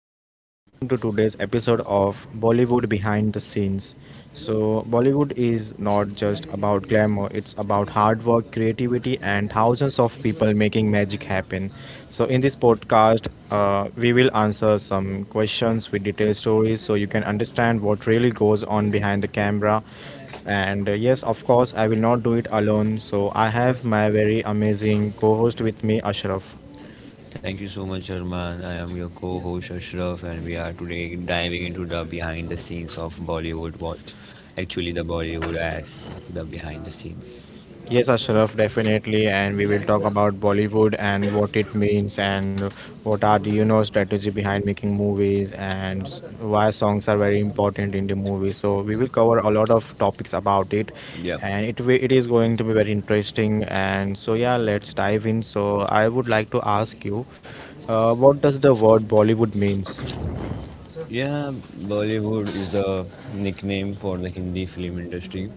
podcast. Welcome to today's episode of Bollywood Behind the Scenes. So, Bollywood is not just about glamour, it's about hard work, creativity, and thousands of people making magic happen. So, in this podcast, we will answer some questions with detailed stories so you can understand what really goes on behind the camera. And Yes, of course, I will not do it alone. So, I have my very amazing co host with me, Ashraf. Thank you so much, Arman. I am your co host, Ashraf, and we are today diving into the behind the scenes of Bollywood. What actually the Bollywood as the behind the scenes. Yes, Ashraf, definitely, and we will talk about Bollywood and what it means and what are the strategy behind making movies and why songs are very important in the movie. So we will cover a lot of topics about it, Yep. and it is going to be very interesting. And so yeah, let's dive in. So I would like to ask you, what does the word Bollywood means? Yeah, Bollywood is the nickname for the Hindi film industry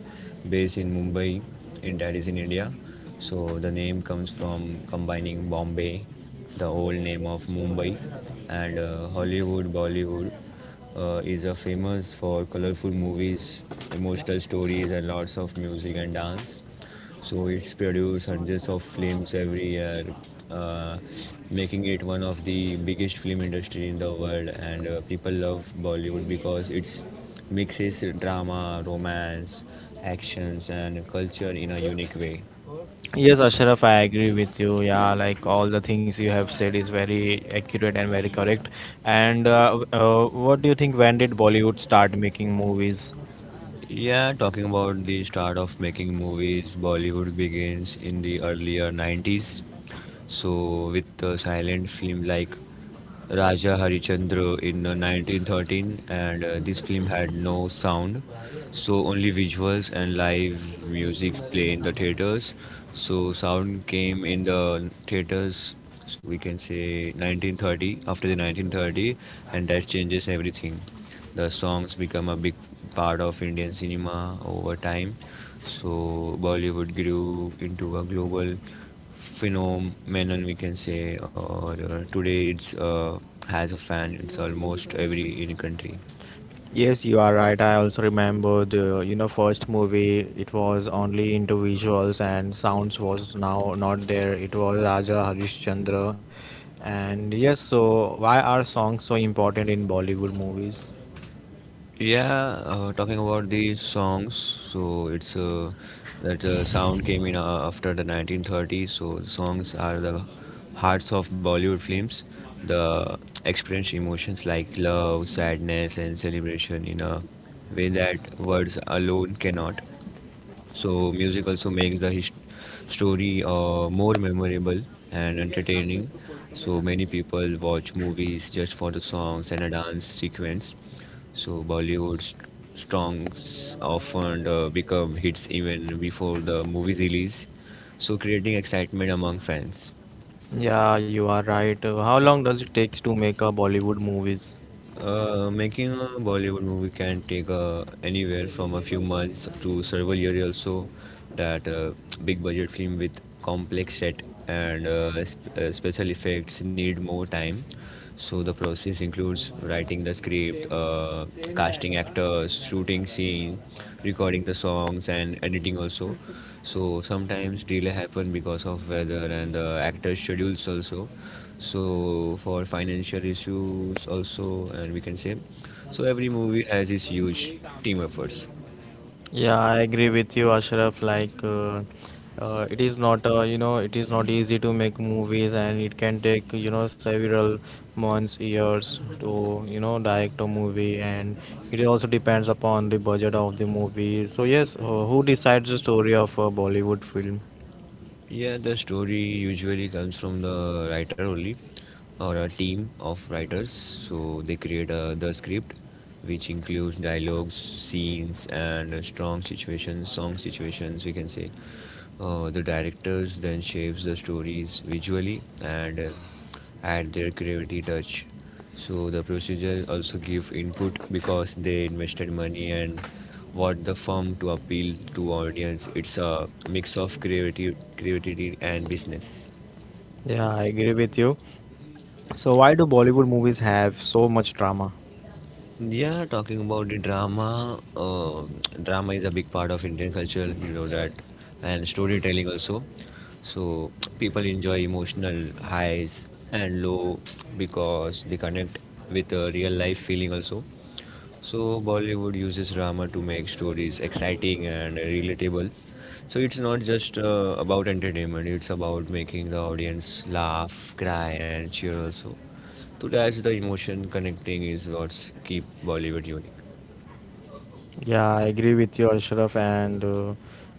based in Mumbai, in that is in India. So the name comes from combining Bombay, the old name of Mumbai, and Hollywood. Bollywood is a famous for colorful movies, emotional stories, and lots of music and dance. So it's produced hundreds of films every year, uh, making it one of the biggest film industry in the world. And people love Bollywood because it mixes drama, romance, actions, and culture in a unique way. Yes, Ashraf, I agree with you. Yeah, like all the things you have said is very accurate and very correct. And What do you think? When did Bollywood start making movies? Yeah, talking about the start of making movies, Bollywood begins in the earlier 90s. So with a silent film like Raja Harichandra in 1913, and this film had no sound, so only visuals and live music play in the theaters. So sound came in the theaters, so we can say 1930, after the 1930, and that changes everything. The songs become a big part of Indian cinema over time, so Bollywood grew into a global phenomenon, we can say. Or today it's has a fan. It's almost every in country. Yes, you are right. I also remember the first movie. It was only into visuals and sounds was now not there. It was Raja Harishchandra, and yes. So why are songs so important in Bollywood movies? Yeah, Talking about the songs, so it's that sound came in after the 1930s. So songs are the hearts of Bollywood films. The experience emotions like love, sadness, and celebration in a way that words alone cannot. So music also makes the his story more memorable and entertaining. So many people watch movies just for the songs and a dance sequence. So Bollywood's songs often become hits even before the movie's release. So creating excitement among fans. Yeah, you are right. How long does it take to make a Bollywood movies? Making a Bollywood movie can take anywhere from a few months to several years. Also, that big budget film with complex set and special effects need more time. So the process includes writing the script, casting actors, shooting scenes, recording the songs and editing also. So sometimes delay happen because of weather and the actors' schedules also. So for financial issues also, and we can say, so every movie has its huge team efforts. Yeah, I agree with you, Ashraf. It is not, you know, it is not easy to make movies, and it can take, you know, several months, years to, you know, direct a movie, and it also depends upon the budget of the movie. So yes, who decides the story of a Bollywood film? Yeah, the story usually comes from the writer only or a team of writers. So they create the script, which includes dialogues, scenes, and strong situations, song situations, we can say. The directors then shapes the stories visually and add their creativity touch. So the producers also give input because they invested money and what the firm to appeal to audience. It's a mix of creativity and business. Yeah, I agree with you. So why do Bollywood movies have so much drama? Yeah, talking about the drama, drama is a big part of Indian culture, you know that, and storytelling also. So people enjoy emotional highs and low because they connect with a real life feeling also. So Bollywood uses drama to make stories exciting and relatable. So it's not just about entertainment, it's about making the audience laugh, cry and cheer also. To that's the emotion connecting is what keep Bollywood unique. Yeah, I agree with you, Ashraf. And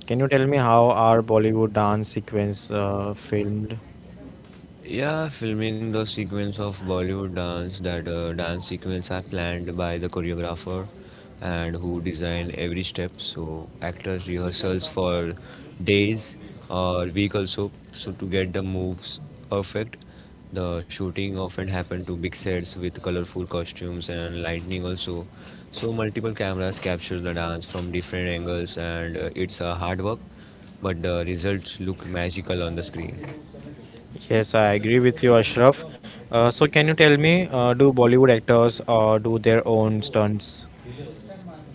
Can you tell me how are Bollywood dance sequence filmed? Yeah, filming the sequence of Bollywood dance, that dance sequence are planned by the choreographer and who design every step. So actors rehearsals for days or week also, so to get the moves perfect. The shooting often happen to big sets with colorful costumes and lighting also. So multiple cameras capture the dance from different angles, and it's a hard work, but the results look magical on the screen. Yes, I agree with you, Ashraf. So, can you tell me, do Bollywood actors do their own stunts?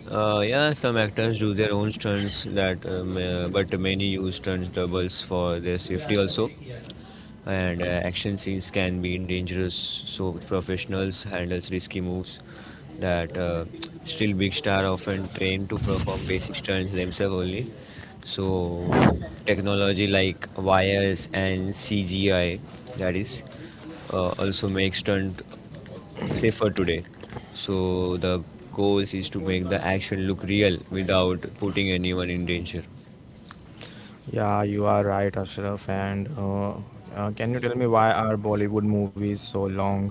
Yeah, some actors do their own stunts but many use stunt doubles for their safety also. And action scenes can be dangerous, so professionals handles risky moves that still big star often trained to perform basic stunts themselves only. So technology like wires and CGI that is also makes stunt safer today. So the goal is to make the action look real without putting anyone in danger. Yeah, you are right, Ashraf. And Can you tell me why are Bollywood movies so long?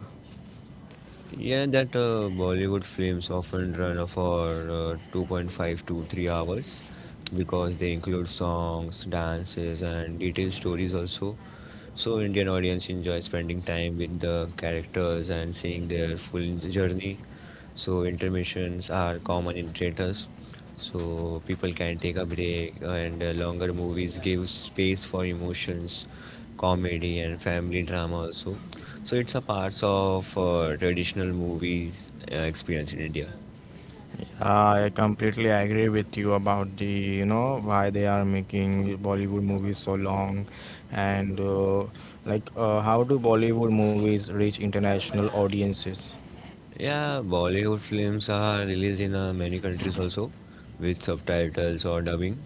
Yeah, that Bollywood films often run for 2.5 to 3 hours because they include songs, dances, and detailed stories also. So Indian audience enjoy spending time with the characters and seeing their full journey. So intermissions are common in theaters. So people can take a break, and longer movies give space for emotions, comedy, and family drama also. So it's a part of traditional movies experience in India. Yeah, I completely agree with you about the, you know, why they are making Bollywood movies so long, and like how do Bollywood movies reach international audiences? Yeah, Bollywood films are released in many countries also with subtitles or dubbing.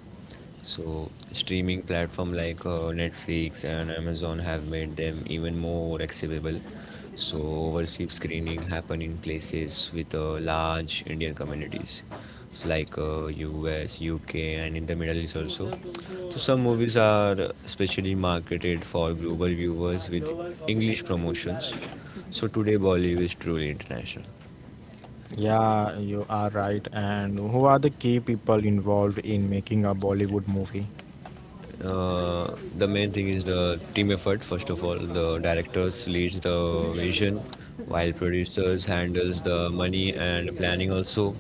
So streaming platform like Netflix and Amazon have made them even more accessible. So overseas screening happen in places with large Indian communities like US, UK, and in the Middle East also. So some movies are specially marketed for global viewers with English promotions. So today Bollywood is truly international. Yeah, you are right. And who are the key people involved in making a Bollywood movie? The main thing is the team effort. First of all, the directors leads the vision, while producers handles the money and planning also.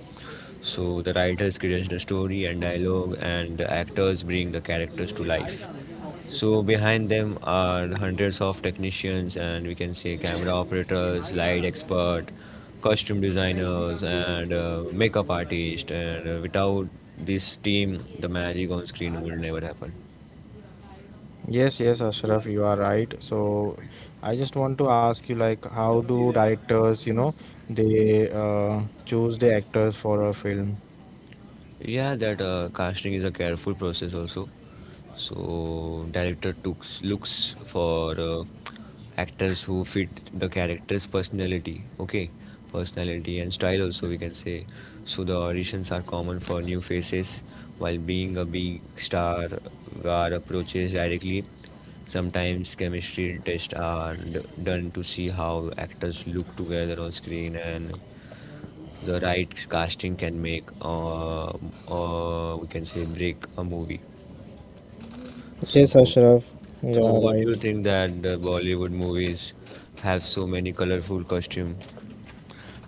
So the writers creates the story and dialogue, and the actors bring the characters to life. So behind them are hundreds of technicians, and we can say camera operators, light expert, costume designers, and makeup artist. And without this team, the magic on screen would never happen. Yes, yes, Ashraf, you are right. So I just want to ask you, like, how do directors, you know, they choose the actors for a film? Yeah, that Casting is a careful process also. So director took looks for actors who fit the character's personality. Okay, personality and style also we can say. So the auditions are common for new faces, while being a big star, are approaches directly. Sometimes chemistry tests are done to see how actors look together on screen, and the right casting can make we can say break a movie. Yes, So Ashraf, you so, are what do right. you think that the Bollywood movies have so many colorful costume?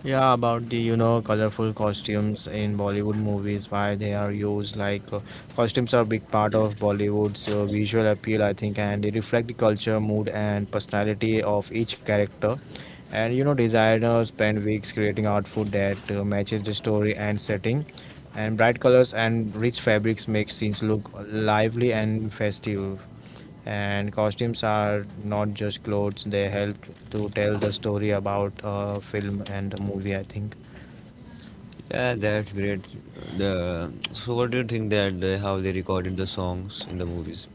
Yeah, about the colorful costumes in Bollywood movies, why they are used like costumes are a big part of Bollywood's visual appeal, I think, and they reflect the culture, mood, and personality of each character. And you know, designers spend weeks creating outfit that matches the story and setting. And bright colors and rich fabrics make scenes look lively and festive. And costumes are not just clothes; they help to tell the story about a film and a movie, I think. Yeah, that's great. The so, what do you think that how they recorded the songs in the movies?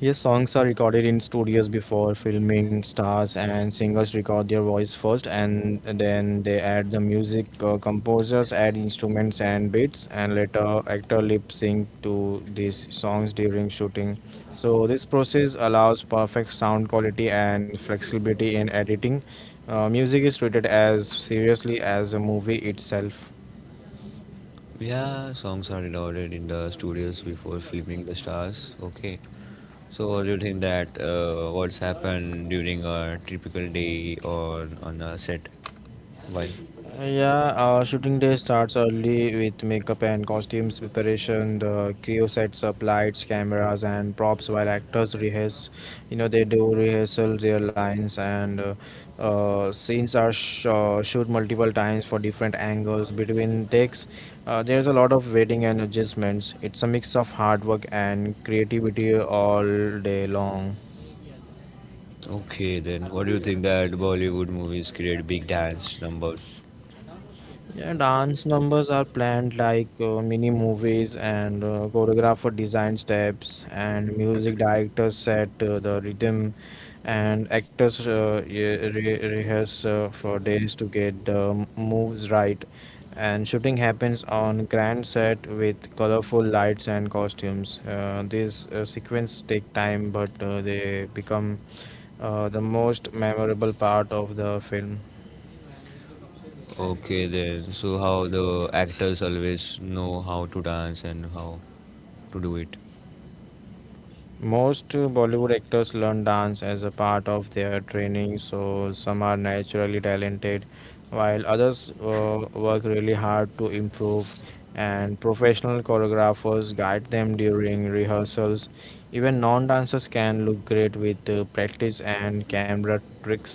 Yes, songs are recorded in studios before filming. Stars and singers record their voice first, and then they add the music. Composers add instruments and beats, and later actor lip sync to these songs during shooting. So this process allows perfect sound quality and flexibility in editing. Music is treated as seriously as a movie itself. Yeah, songs are recorded in the studios before filming the stars. Okay. So, what do you think that what's happened during a typical day or on a set? While Yeah, Shooting day starts early with makeup and costumes preparation. The crew sets up lights, cameras, and props while actors rehearse. You know, they do rehearsal their lines, and scenes are shoot multiple times for different angles between takes. There's a lot of waiting and adjustments. It's a mix of hard work and creativity all day long. Okay, then what do you think that Bollywood movies create big dance numbers? Yeah, dance numbers are planned like mini movies, and choreographer design steps, and music directors set the rhythm, and actors rehearse for days to get the moves right. And shooting happens on grand set with colorful lights and costumes. These sequences take time, but they become the most memorable part of the film. Okay then. So how the actors always know how to dance and how to do it. Most Bollywood actors learn dance as a part of their training, so some are naturally talented, while others work really hard to improve, and professional choreographers guide them during rehearsals. Even non dancers can look great with practice and camera tricks.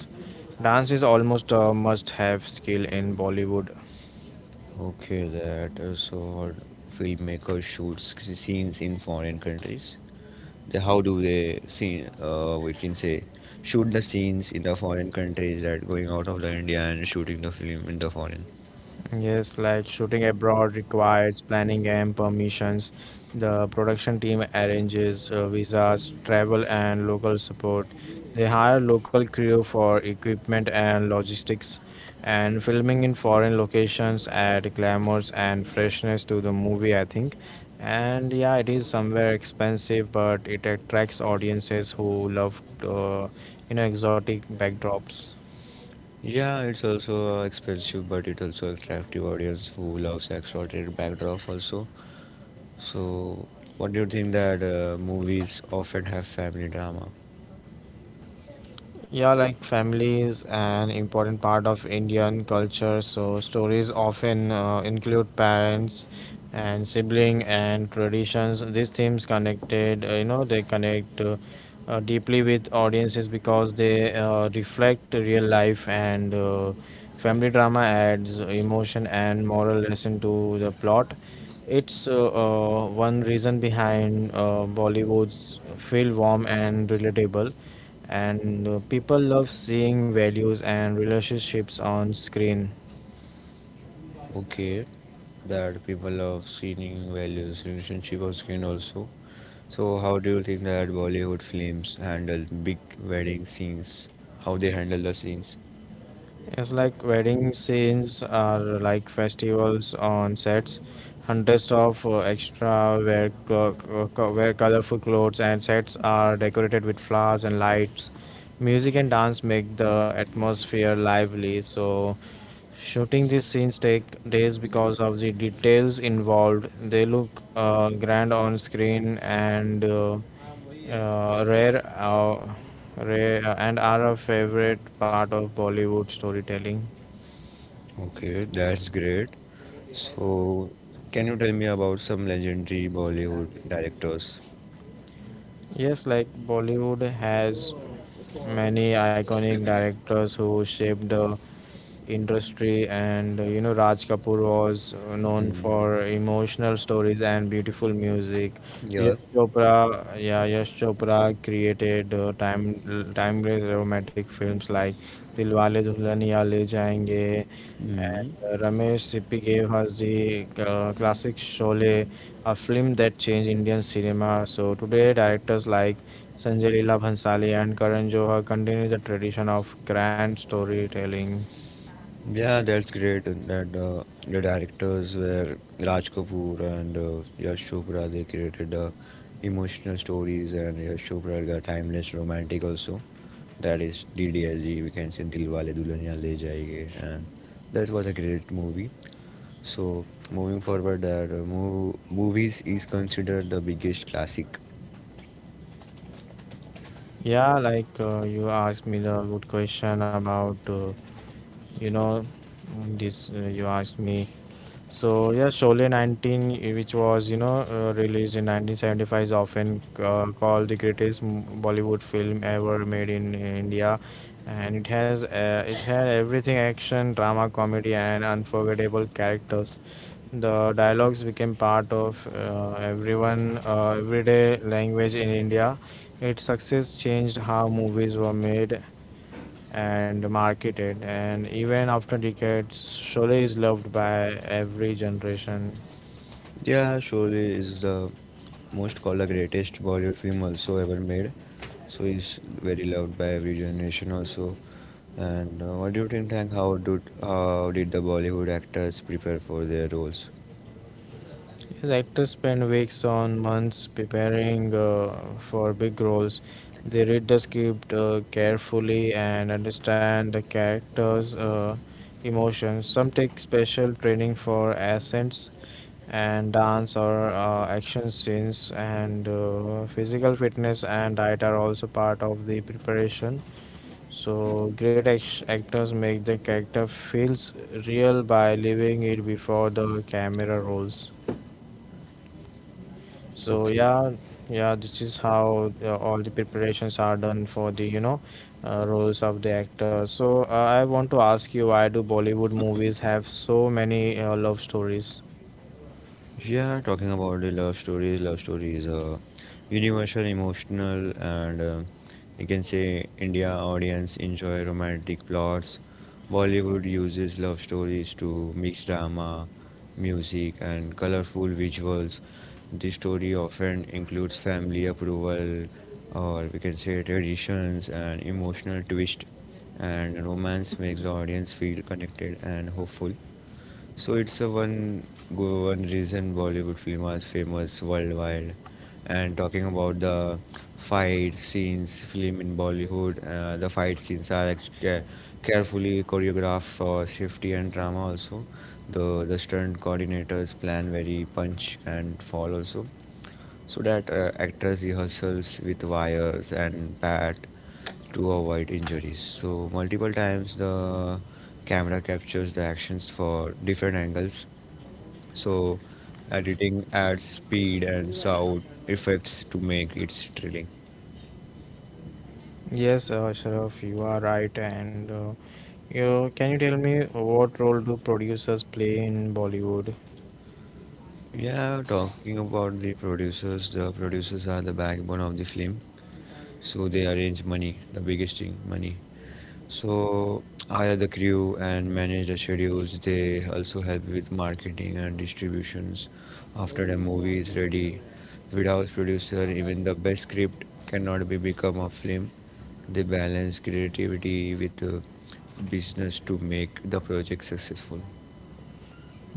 Dance is almost a must have skill in Bollywood. Okay, that so filmmakers shoot scenes in foreign countries. They— How do they see? We can say shoot the scenes in the foreign countries that going out of the India and shooting the film in the foreign. Yes, like shooting abroad requires planning and permissions. The production team arranges visas, travel, and local support. They hire local crew for equipment and logistics. And filming in foreign locations add glamours and freshness to the movie, I think. And yeah, it is somewhere expensive, but it attracts audiences who love, you know, exotic backdrops. Yeah, it's also expensive, but it also attractive audience who loves exotic backdrop also. So, what do you think that movies often have family drama? Yeah, like family is an important part of Indian culture, so stories often include parents and sibling and traditions. These themes connected, you know, they connect deeply with audiences because they reflect real life and family drama adds emotion and moral lesson to the plot. It's one reason behind Bollywood's feel warm and relatable and people love seeing values and relationships on screen. Okay, that people love seeing values, relationship on screen also. So how do you think that Bollywood films handle big wedding scenes? How they handle the scenes? It's like wedding scenes are like festivals on sets. Hundreds of extra wear, wear colorful clothes and sets are decorated with flowers and lights. Music and dance make the atmosphere lively. So shooting these scenes take days because of the details involved. They look grand on screen and uh, rare, uh, rare and are a favorite part of Bollywood storytelling. Okay, that's great. So can you tell me about some legendary Bollywood directors? Yes, like Bollywood has many iconic directors who shaped the industry, and you know Raj Kapoor was known Mm, for emotional stories and beautiful music. yeah. Yash Chopra, yeah, Yash Chopra created timeless romantic films like Dilwale Dulhaniya Le Jayenge. And Mm. uh, Ramesh Sippy gave us the classic Sholay, a film that changed Indian cinema. So today, directors like Sanjay Leela Bhansali and Karan Johar continue the tradition of grand storytelling. Yeah, that's great that the directors were Raj Kapoor and Yash Chopra. They created emotional stories, and Yash Chopra got timeless romantic also. That is DDLG. We can say Dilwale Dulhania Le Jayenge. And that was a great movie. So moving forward, movies is considered the biggest classic. You asked me the good question about, you know, mm, this you asked me. So yeah, Sholay, which was released in 1975, is often called the greatest Bollywood film ever made in India, and it had everything: action, drama, comedy, and unforgettable characters. The dialogues became part of everyone everyday language in India. Its success changed how movies were made and marketed, and even after decades, Sholay is loved by every generation. Yeah, surely is the most called the greatest Bollywood film also ever made. So is very loved by every generation also. And what do you think, Tank? How did the Bollywood actors prepare for their roles? As actors spend weeks on months preparing for big roles, they read the script carefully and understand the characters' emotions. Some take special training for accents and dance or action scenes, and physical fitness and diet are also part of the preparation. So great actors make the character feels real by living it before the camera rolls. So yeah, yeah, this is how all the preparations are done for the, you know, roles of the actor. So I want to ask you, why do Bollywood movies have so many love stories? Yeah, talking about the love stories, Love stories, universal, emotional, and you can say India audience enjoy romantic plots. Bollywood uses love stories to mix drama, music, and colorful visuals. The story often includes family approval, or we can say traditions, and emotional twist. And romance makes the audience feel connected and hopeful. So it's a one reason Bollywood film is famous worldwide. And talking about the fight scenes, film in Bollywood, the fight scenes are carefully choreographed for safety and drama. Also, the stunt coordinators plan very punch and fall also, so that actors rehearsals with wires and pad to avoid injuries. So multiple times the camera captures the actions for different angles. So editing adds speed and sound effects to make it thrilling. Yes, Sharaf, you are right. And you tell me what role do producers play in Bollywood? Yeah, talking about the producers, The producers are the backbone of the film. So they arrange money, the biggest thing, money. So hire the crew and manage the schedules. They also help with marketing and distributions. After the movie is ready, without producer, even the best script cannot be become a film. They balance creativity with business to make the project successful.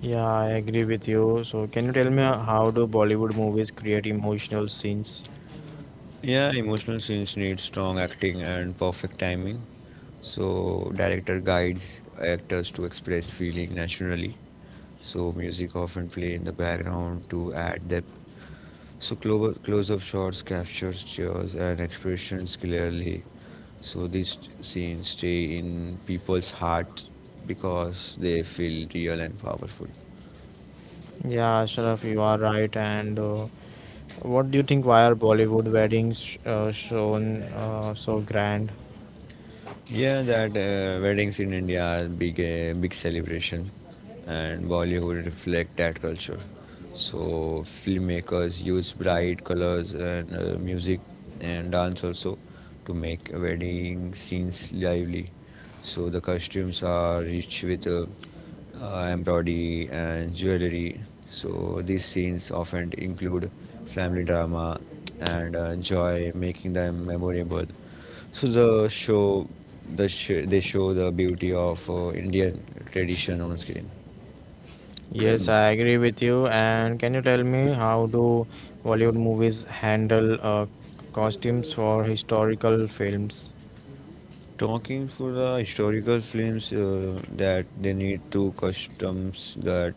Yeah, I agree with you. So can you tell me how do Bollywood movies create emotional scenes? Yeah, emotional scenes need strong acting and perfect timing. So director guides actors to express feeling naturally. So music often play in the background to add depth. So close-up shots captures cheers and expressions clearly. So these scenes stay in people's heart because they feel real and powerful. Yeah, Sharaf, you are right. And What do you think? Why are Bollywood weddings shown so grand? Yeah, that weddings in India are big, big celebration, and Bollywood reflect that culture. So filmmakers use bright colors and music and dance also to make wedding scenes lively. So the costumes are rich with embroidery and jewelry. So these scenes often include family drama and joy, making them memorable. So the show, they show the beauty of Indian tradition on screen. Yes, I agree with you. And can you tell me how do Bollywood movies handle costumes for historical films? Talking for the historical films that they need to customs that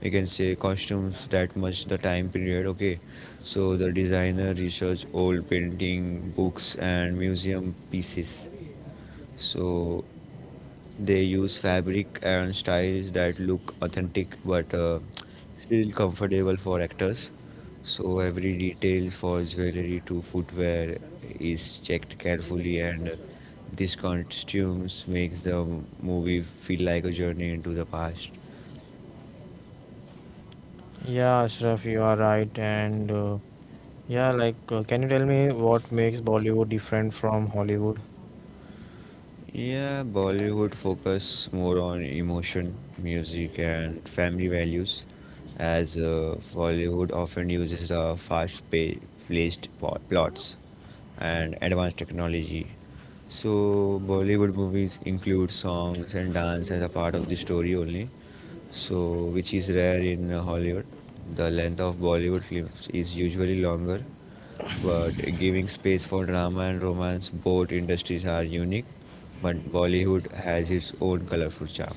we can say costumes that much the time period. Okay, so the designer research old painting, books, and museum pieces. So they use fabric and styles that look authentic but still comfortable for actors. So every detail for jewelry to footwear is checked carefully, and these costumes makes the movie feel like a journey into the past. Yeah, Ashraf, you are right. And can you tell me what makes Bollywood different from Hollywood? Yeah, Bollywood focus more on emotion, music, and family values, as Bollywood often uses the fast-paced plots and advanced technology. So Bollywood movies include songs and dance as a part of the story only, so which is rare in Hollywood. The length of Bollywood films is usually longer, but giving space for drama and romance. Both industries are unique, but Bollywood has its own colorful charm.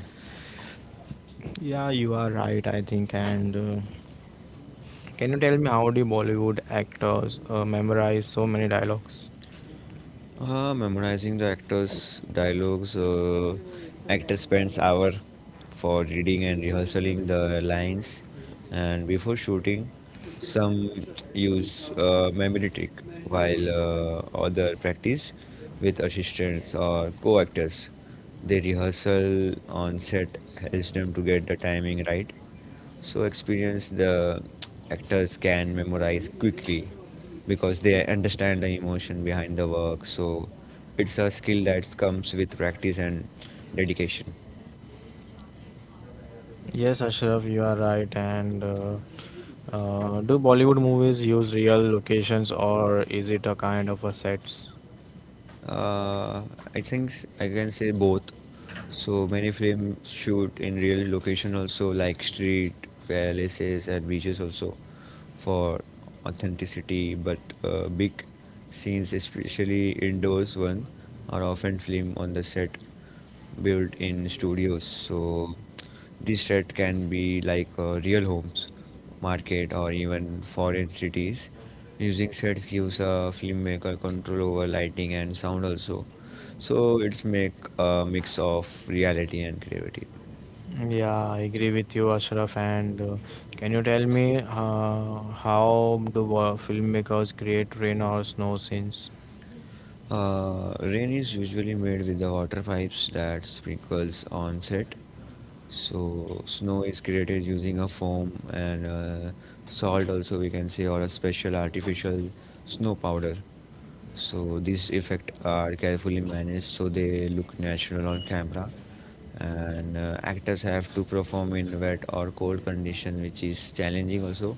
Yeah, you are right, I think. And Can you tell me how do Bollywood actors memorize so many dialogues? Memorizing the actors' dialogues. Actor spends hour for reading and rehearsing the lines, and before shooting, some use memory trick, while other practice with assistants or co-actors. The rehearsal on set helps them to get the timing right so experienced the actors can memorize quickly because they understand the emotion behind the work. So it's a skill that comes with practice and dedication. Yes, Ashraf, you are right. And do Bollywood movies use real locations or is it a kind of a sets? Uh, I can say both. So many films shoot in real location also like street, palaces and beaches also for authenticity but big scenes especially indoors one are often filmed on the set built in studios, so this threat can be like real homes market or even foreign cities. Using sets gives a filmmaker control over lighting and sound also, so it's make a mix of reality and creativity. Yeah, I agree with you, Ashraf. And can you tell me how do filmmakers create rain or snow scenes? Rain is usually made with the water pipes that sprinkles on set. So snow is created using a foam and salt also we can say, or a special artificial snow powder. So these effects are carefully managed so they look natural on camera, and actors have to perform in wet or cold condition which is challenging also.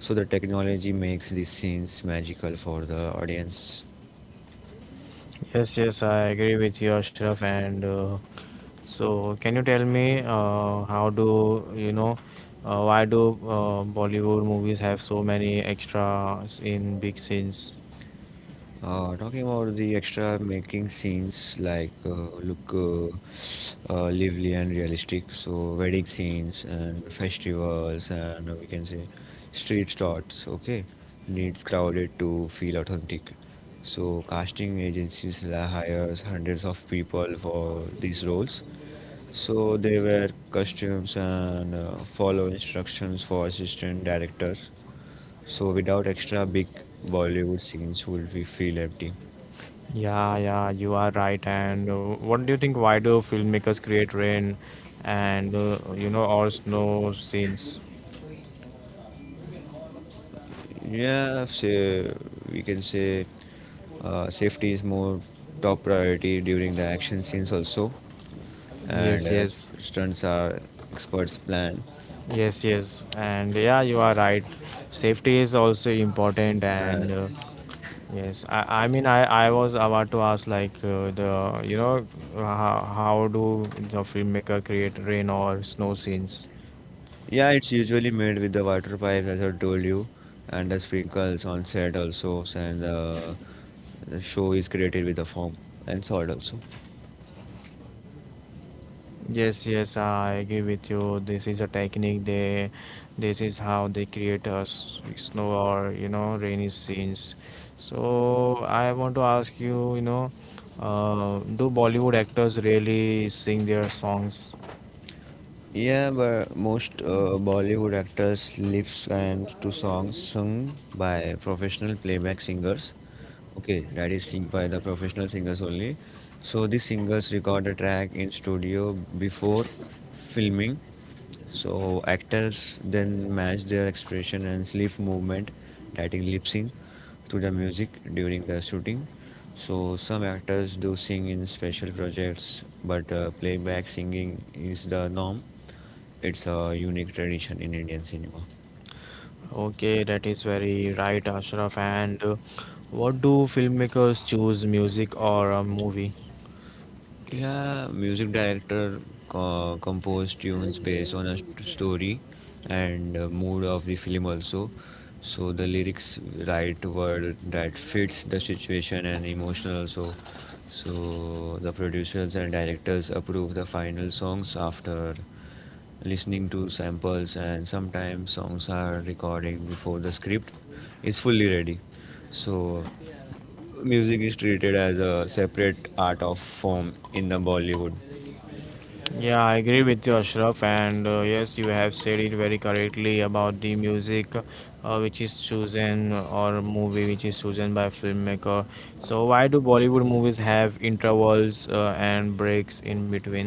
So the technology makes these scenes magical for the audience. Yes, yes, I agree with you, Ashraf. And so, can you tell me how do you know why do Bollywood movies have so many extras in big scenes? Talking about the extra making scenes like look lively and realistic, so wedding scenes and festivals and we can say street shots, okay, needs crowded to feel authentic. So casting agencies hires hundreds of people for these roles. So they wear costumes and follow instructions for assistant directors. So without extra big Bollywood scenes would we feel empty. Yeah, yeah, you are right. And What do you think? Why do filmmakers create rain and you know or snow scenes? Yeah, say we can say safety is more top priority during the action scenes also, Yes, and yes, stunts are experts plan. yes, yes, and yeah, you are right. Safety is also important, And and yes, I was about to ask like the you know how do the filmmaker create rain or snow scenes? yeah, it's usually made with the water pipes as I told you, and the sprinkles on set also, and the show is created with the foam and salt also. Yes, yes, I agree with you. This is a technique. This is how they create a snow or rainy scenes. So I want to ask you, do Bollywood actors really sing their songs? Yeah, but most Bollywood actors lives and to songs sung by professional playback singers. Okay, that is sing by the professional singers only. So these singers record a track in studio before filming. So actors then match their expression and lip movement, that is lip sync, to the music during the shooting. So some actors do sing in special projects, but playback singing is the norm. It's a unique tradition in Indian cinema. Okay, that is very right, Ashraf. And what do filmmakers choose, music or a movie? Yeah, music director compose tunes based on a story and mood of the film also. So the lyrics write word that fits the situation and emotion also. So the producers and directors approve the final songs after listening to samples, and sometimes songs are recording before the script is fully ready. So music is treated as a separate art of form in the Bollywood. Yeah, I agree with you, Ashraf. And yes, you have said it very correctly about the music which is chosen or movie which is chosen by filmmaker. So why do Bollywood movies have intervals and breaks in between?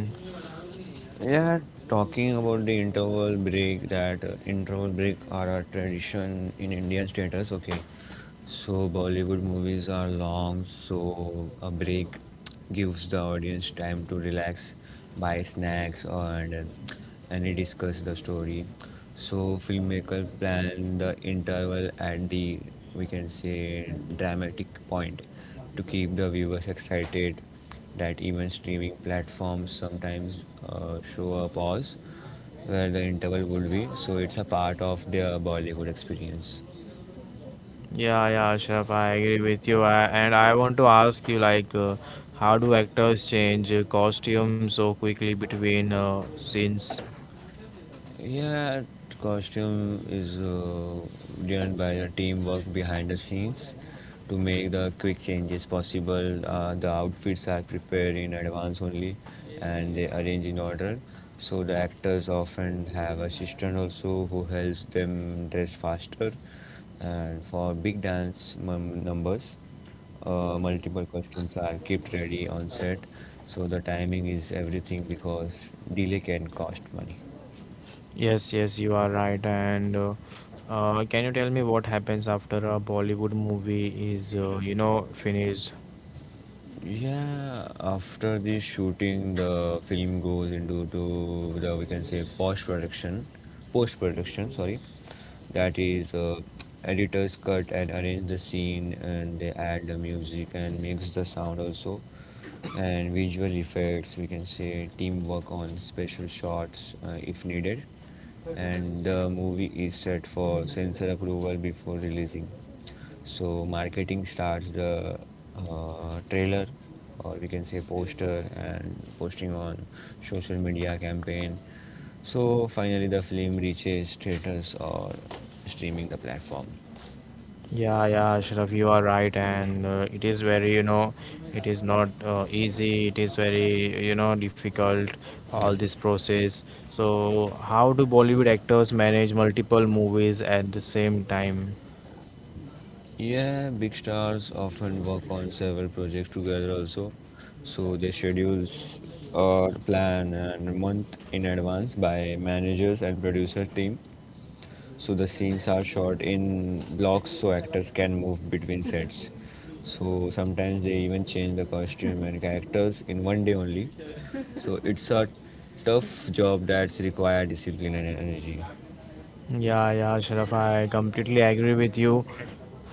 Yeah, talking about the interval break, that interval break are a tradition in Indian status. Okay, so Bollywood movies are long, so a break gives the audience time to relax, buy snacks, and discuss the story. So filmmaker plan the interval at the we can say dramatic point to keep the viewers excited. That even streaming platforms sometimes show a pause where the interval would be. So it's a part of their Bollywood experience. Yeah, yeah, Ashraf, I agree with you. And I want to ask you, like, how do actors change costumes so quickly between scenes? Yeah, costume is done by the teamwork behind the scenes to make the quick changes possible. The outfits are prepared in advance only and they arrange in order. So the actors often have assistant also who helps them dress faster. And for big dance numbers, multiple costumes are kept ready on set. So the timing is everything because delay can cost money. Yes, yes, you are right. And can you tell me what happens after a Bollywood movie is finished? Yeah, after the shooting, the film goes into to the we can say post production, post production. Sorry, that is editors cut and arrange the scene, and they add the music and mix the sound also, and visual effects. We can say teamwork on special shots if needed, and the movie is set for censor approval before releasing. So marketing starts the trailer, or we can say poster, and posting on social media campaign. So finally, the film reaches theaters or streaming the platform. Yeah, yeah, Ashraf, you are right, and it is very, it is not easy. It is very, difficult Yep. all this process. So, how do Bollywood actors manage multiple movies at the same time? Yeah, big stars often work on several projects together also. So their schedules are planned and month in advance by managers and producer team. So the scenes are shot in blocks so actors can move between sets. So sometimes they even change the costume and characters in one day only. So it's a tough job that's require discipline and energy. Yeah, yeah, Ashraf, I completely agree with you.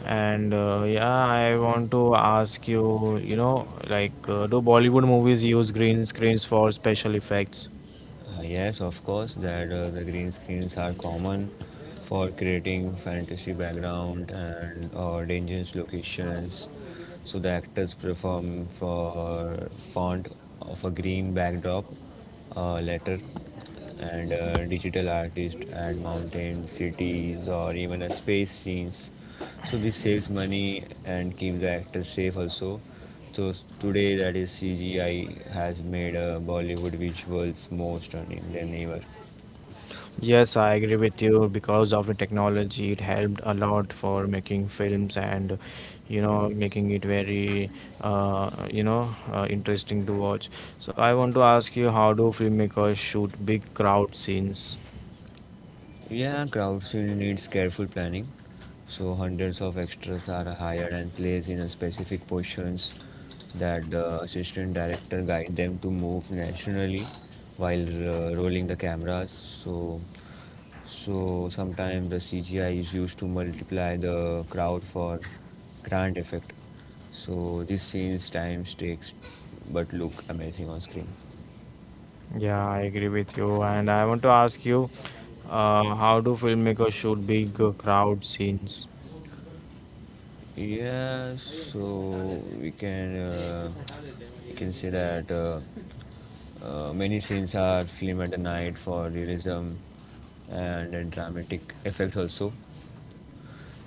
And yeah, I want to ask you, like, do Bollywood movies use green screens for special effects? Yes, of course, that the green screens are common for creating fantasy background and or dangerous locations. So the actors perform for font of a green backdrop, letter, and digital artists add mountains, cities, or even a space scenes, so this saves money and keeps the actors safe also. So today, that is CGI has made Bollywood visuals more stunning than ever. Yes, I agree with you because of the technology, it helped a lot for making films and making it very interesting to watch. So I want to ask you, how do filmmakers shoot big crowd scenes? Yeah, crowdsourcing needs careful planning. So hundreds of extras are hired and placed in a specific positions that the assistant director guide them to move naturally while rolling the cameras. So So sometimes the CGI is used to multiply the crowd for grand effect. So these scenes times takes but look amazing on screen. Yeah, I agree with you, and I want to ask you, how do filmmakers shoot big crowd scenes? Yeah, so we can say that many scenes are filmed at the night for realism and dramatic effects also.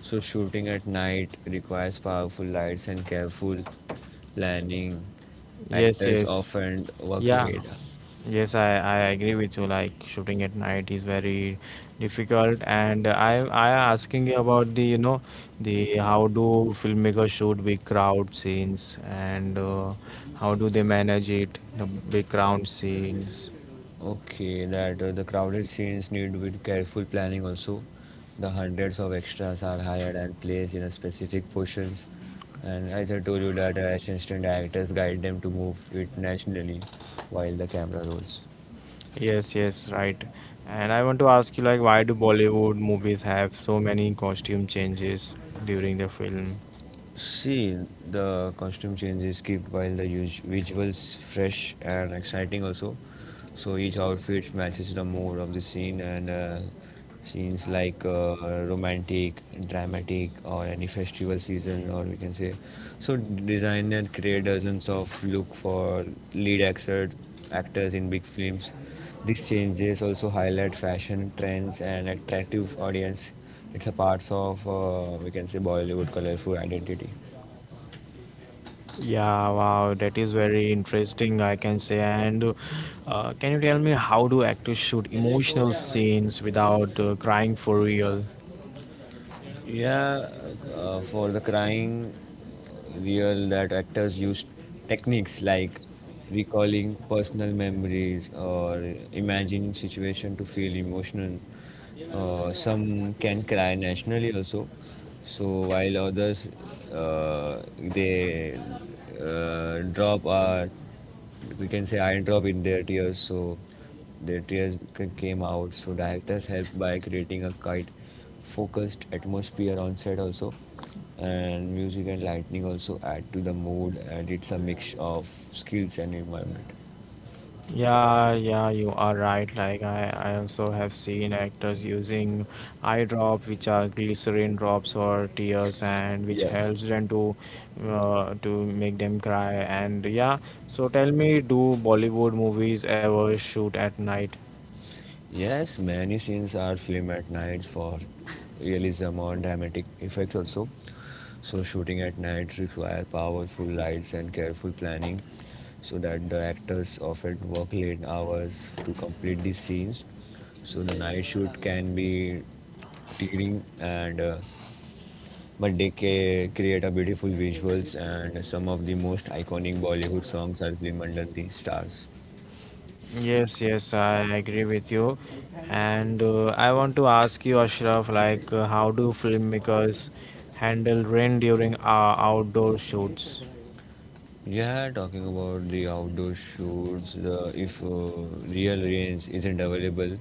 So shooting at night requires powerful lights and careful planning. Yes, Actors yes, often work yeah. late. Yes, I agree with you. Like shooting at night is very difficult, and I asking you about the the how do filmmakers shoot big crowd scenes and how do they manage it the big crowd scenes. Okay, that the crowded scenes need with careful planning also. The hundreds of extras are hired and placed in a specific portions. And as I told you that assistant actors guide them to move it naturally while the camera rolls. Yes, yes, right. And I want to ask you like why do Bollywood movies have so many costume changes during the film? See, the costume changes keep while the visuals fresh and exciting also. So each outfit matches the mood of the scene and scenes like romantic, dramatic, or any festival season, or we can say so designer create dozens of look for lead actor, actors in big films. These changes also highlight fashion trends and attractive audience. It's a part of we can say Bollywood colorful identity. Yeah, wow, that is very interesting, I can say. And can you tell me how do actors shoot emotional scenes without crying for real? Yeah, for the crying real that actors use techniques like recalling personal memories or imagine situation to feel emotional. Some can cry nationally also. So while others they drop we can say eye drop in their tears. So their tears came out. So directors help by creating a quite focused atmosphere on set also, and music and lightning also add to the mood, and it's a mix of skills and environment. Yeah, yeah, you are right. Like I also have seen actors using eye drop, which are glycerin drops or tears, and which Yeah. helps them to make them cry. And yeah, so tell me, do Bollywood movies ever shoot at night? Yes, many scenes are filmed at night for realism or dramatic effects also. So shooting at night require powerful lights and careful planning so that the actors often work late hours to complete these scenes. So the night shoot can be tiring and but they create a beautiful visuals, and some of the most iconic Bollywood songs are filmed under the stars. Yes, yes, I agree with you. And I want to ask you, Ashraf, like how do filmmakers handle rain during outdoor shoots? Yeah, talking about the outdoor shoots, the, if real rain isn't available,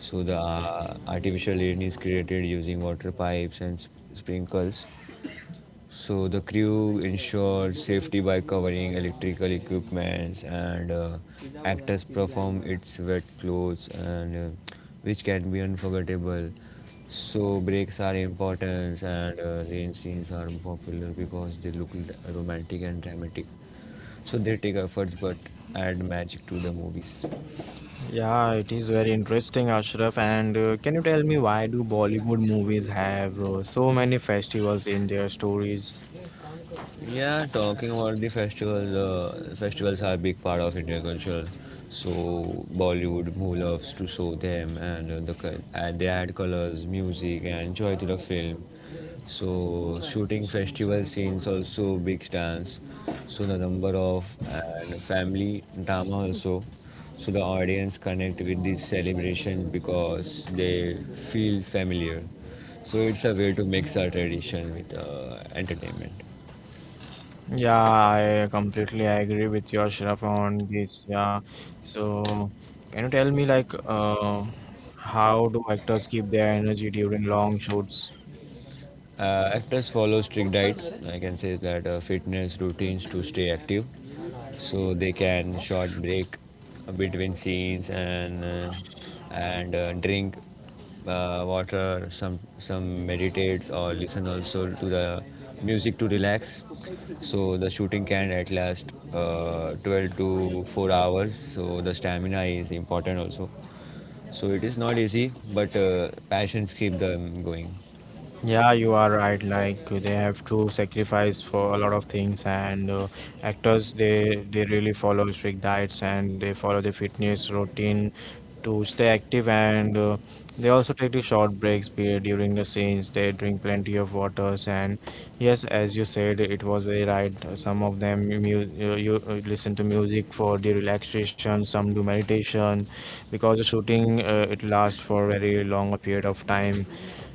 so the artificial rain is created using water pipes and sprinkles. So the crew ensures safety by covering electrical equipments, and actors perform its wet clothes, and which can be unforgettable. So breaks are important, and rain scenes are popular because they look romantic and dramatic, so they take efforts but add magic to the movies. Yeah, it is very interesting, Ashraf. And can you tell me why do Bollywood movies have so many festivals in their stories? Yeah, talking about the festivals, festivals are a big part of Indian culture. So Bollywood, who loves to show them, and and they add colors, music, and joy to the film. So shooting festival scenes also big stance. So the number of and family drama also. So the audience connect with this celebration because they feel familiar. So it's a way to mix our tradition with entertainment. Yeah, I completely agree with you, Ashraf, on this. Yeah. So, can you tell me like how do actors keep their energy during long shoots? Actors follow strict diet. I can say that fitness routines to stay active, so they can short break between scenes and drink water. Some meditates or listen also to the music to relax. So the shooting can at last 12 to 4 hours. So the stamina is important also. So it is not easy, but passions keep them going. Yeah, you are right. Like they have to sacrifice for a lot of things, and actors they really follow strict diets and they follow the fitness routine to stay active, and they also take the short breaks period during the scenes. They drink plenty of waters, and yes, as you said, it was very right. Some of them you listen to music for the relaxation. Some do meditation because the shooting it lasts for very long a period of time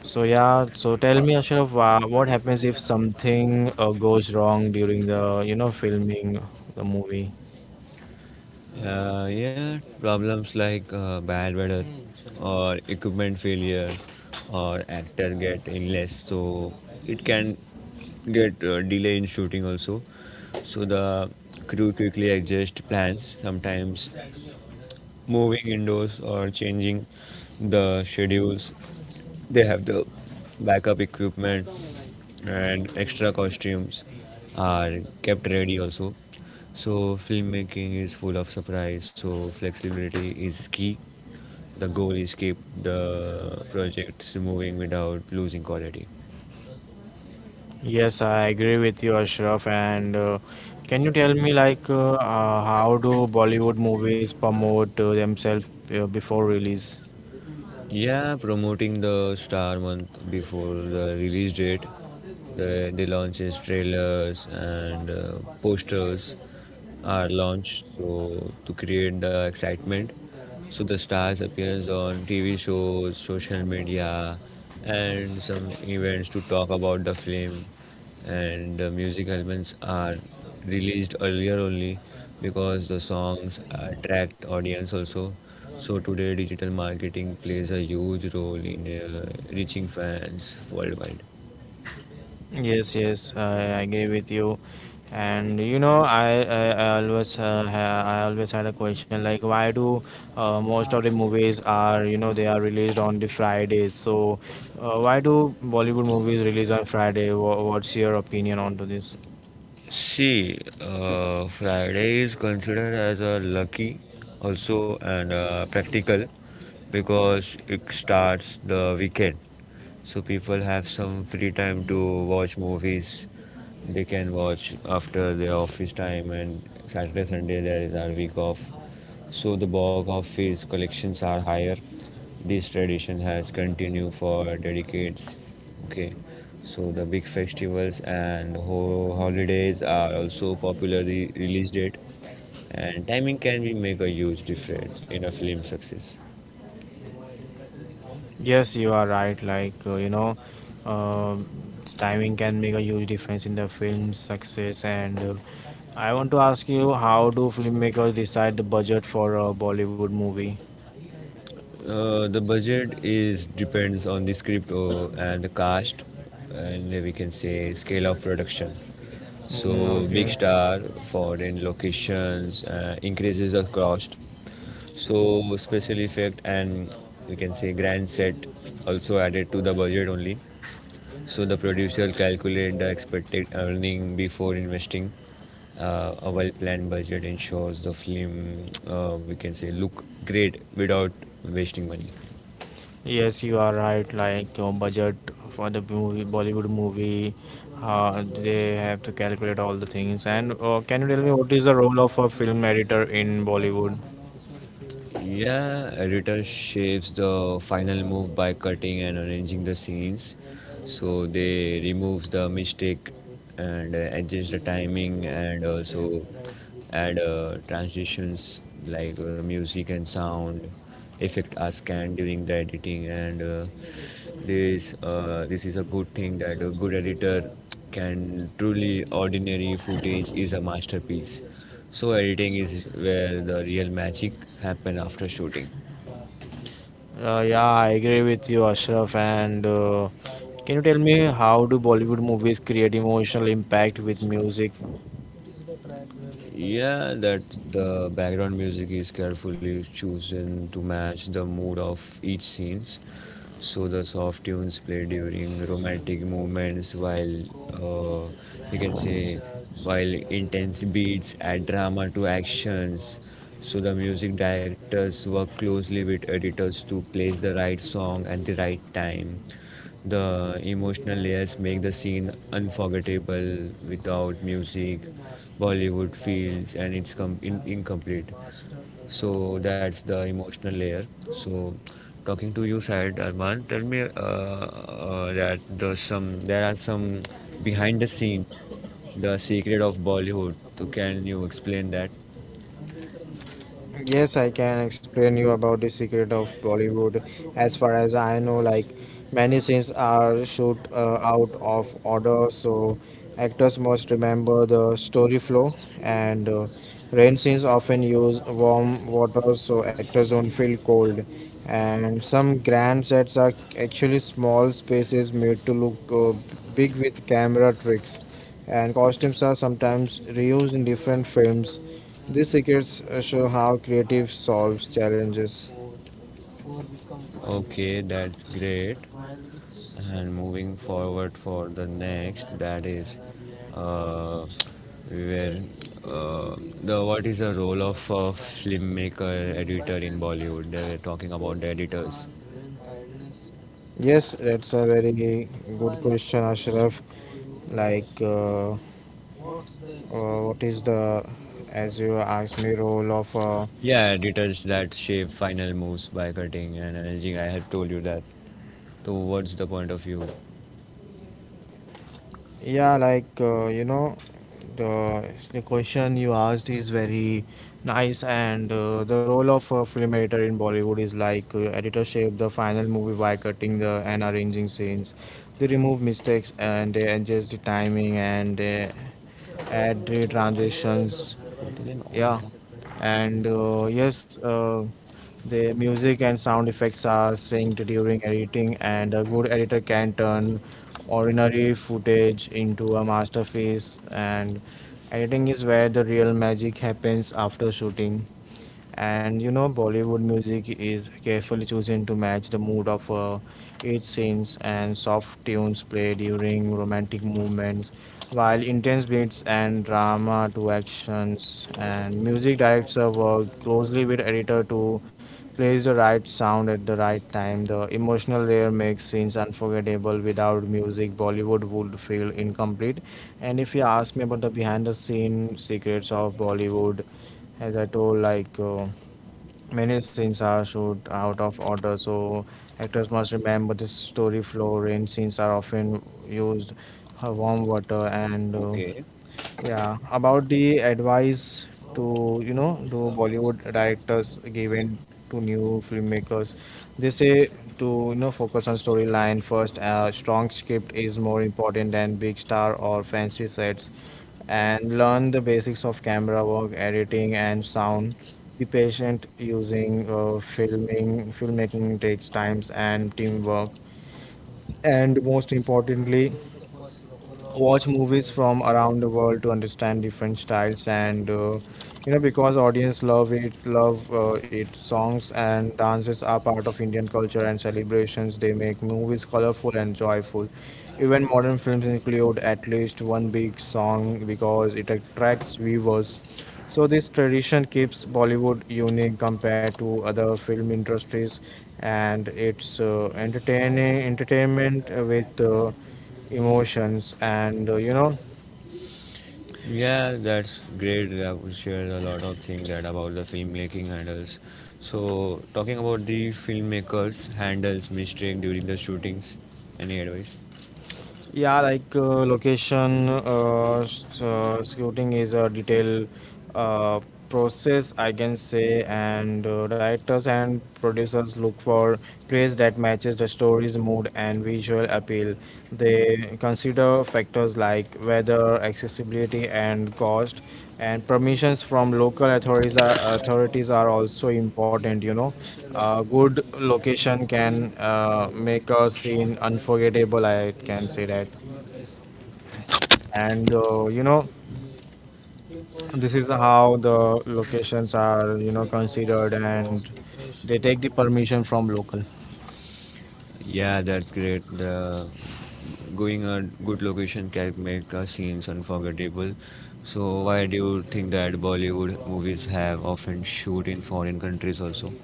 so yeah, so tell me, Ashraf, what happens if something goes wrong during the filming the movie? Yeah, problems like bad weather or equipment failure or actor get illness, so it can get delay in shooting also. So the crew quickly adjust plans, sometimes moving indoors or changing the schedules. They have the backup equipment and extra costumes are kept ready also. So filmmaking is full of surprise. So flexibility is key. The goal is keep the projects moving without losing quality. Yes, I agree with you, Ashraf. And can you tell me like how do Bollywood movies promote themselves before release? Yeah, promoting the Star Month before the release date. They launches trailers and posters are launched so to create the excitement. So the stars appears on TV shows, social media, and some events to talk about the film, and the music albums are released earlier only because the songs attract audience also. So today digital marketing plays a huge role in reaching fans worldwide. Yes, yes, I agree with you. And I always had a question like why do most of the movies are they are released on the Fridays? So why do Bollywood movies release on Friday? What's your opinion onto this? See, Friday is considered as a lucky also and practical because it starts the weekend. So people have some free time to watch movies. They can watch after their office time, and Saturday, Sunday there is our week off, so the bulk of his collections are higher. This tradition has continued for decades. Okay, so the big festivals and holidays are also popularly release date, and timing can be make a huge difference in a film success. Yes, you are right. Like uh, timing can make a huge difference in the film's success. And I want to ask you, how do filmmakers decide the budget for a Bollywood movie? The budget is depends on the script or, and the cast, and we can say scale of production. Mm, So big okay. star for in locations increases the cost. So special effect and we can say grand set also added to the budget only. So the producer calculate the expected earning before investing. A well-planned budget ensures the film we can say look great without wasting money. Yes, you are right. Like your budget for the movie, Bollywood movie, they have to calculate all the things. And can you tell me what is the role of a film editor in Bollywood? Yeah, editor shapes the final move by cutting and arranging the scenes. So they removes the mistake and adjust the timing and also add transitions like music, and sound effect are scanned during the editing. And this is a good thing that a good editor can truly ordinary footage is a masterpiece. So editing is where the real magic happen after shooting. Yeah, I agree with you, Ashraf. And can you tell me how do Bollywood movies create emotional impact with music? Yeah, that the background music is carefully chosen to match the mood of each scenes. So the soft tunes played during romantic moments, while you can say while intense beats add drama to actions. So the music directors work closely with editors to place the right song at the right time. The emotional layers make the scene unforgettable. Without music, Bollywood feels and it's incomplete. So that's the emotional layer. So talking to you, Syed Arman, tell me that there's some there are some behind the scenes, the secret of Bollywood. So can you explain that? Yes, I can explain you about the secret of Bollywood. As far as I know, like many scenes are shoot out of order, so actors must remember the story flow. And rain scenes often use warm water, so actors don't feel cold. And some grand sets are actually small spaces made to look big with camera tricks. And costumes are sometimes reused in different films. These secrets show how creative solves challenges. Okay, that's great. And moving forward for the next, that is, uh, we were, uh, the what is the role of a filmmaker editor in Bollywood? They were talking about the editors. Yes, that's a very good question, Ashraf. Like, what is the, as you asked me, role of Yeah, editors that shape final moves by cutting and arranging. I had told you that. So, what's the point of view? Yeah, like the the question you asked is very nice, and the role of a film editor in Bollywood is like editor shape the final movie by cutting the and arranging scenes. They remove mistakes and they adjust the timing and they add the transitions, Wollte den yeah, Ordniger. and yes, the music and sound effects are synced during editing, and a good editor can turn ordinary footage into a masterpiece, and editing is where the real magic happens after shooting. And Bollywood music is carefully chosen to match the mood of its scenes, and soft tunes play during romantic movements, while intense beats and drama to actions. And music directors work closely with editor to plays the right sound at the right time. The emotional layer makes scenes unforgettable. Without music, Bollywood would feel incomplete. And if you ask me about the behind the scene secrets of Bollywood, as I told, like. Many scenes are shoot out of order, so actors must remember the story flow. Rain scenes are often used warm water, and Okay. yeah, about the advice to you know to Bollywood directors given to new filmmakers, they say to focus on storyline first. A strong script is more important than big star or fancy sets, and learn the basics of camera work, editing, and sound. Be patient using filming. Filmmaking takes times and teamwork, and most importantly watch movies from around the world to understand different styles and because audience love it songs and dances are part of Indian culture and celebrations, they make movies colorful and joyful, even modern films include at least one big song because it attracts viewers, so this tradition keeps Bollywood unique compared to other film industries, and it's entertaining entertainment with emotions and Yeah, that's great. I would share a lot of things that about the filmmaking handles. So, talking about the filmmakers handles mistake during the shootings. Any advice? yeah, like location scouting is a detailed uh, process, I can say, and directors and producers look for place that matches the story's mood and visual appeal. They consider factors like weather, accessibility, and cost, and permissions from local authorities are also important. A good location can make a scene unforgettable, I can say that. And this is how the locations are, considered and they take the permission from local. Yeah, that's great. The going a good location can make a scenes unforgettable. So, why do you think that Bollywood movies have often shoot in foreign countries also?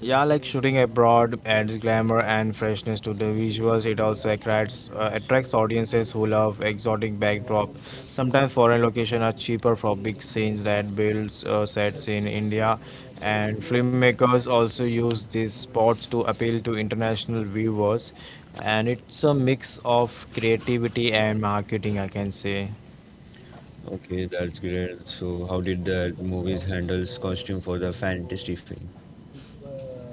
Yeah, like shooting abroad adds glamour and freshness to the visuals. It also attracts audiences who love exotic backdrop. Sometimes foreign locations are cheaper for big scenes that builds sets in India, and filmmakers also use these spots to appeal to international viewers. And it's a mix of creativity and marketing, I can say. Okay, that's great. So, how did the movies handles costume for the fantasy film?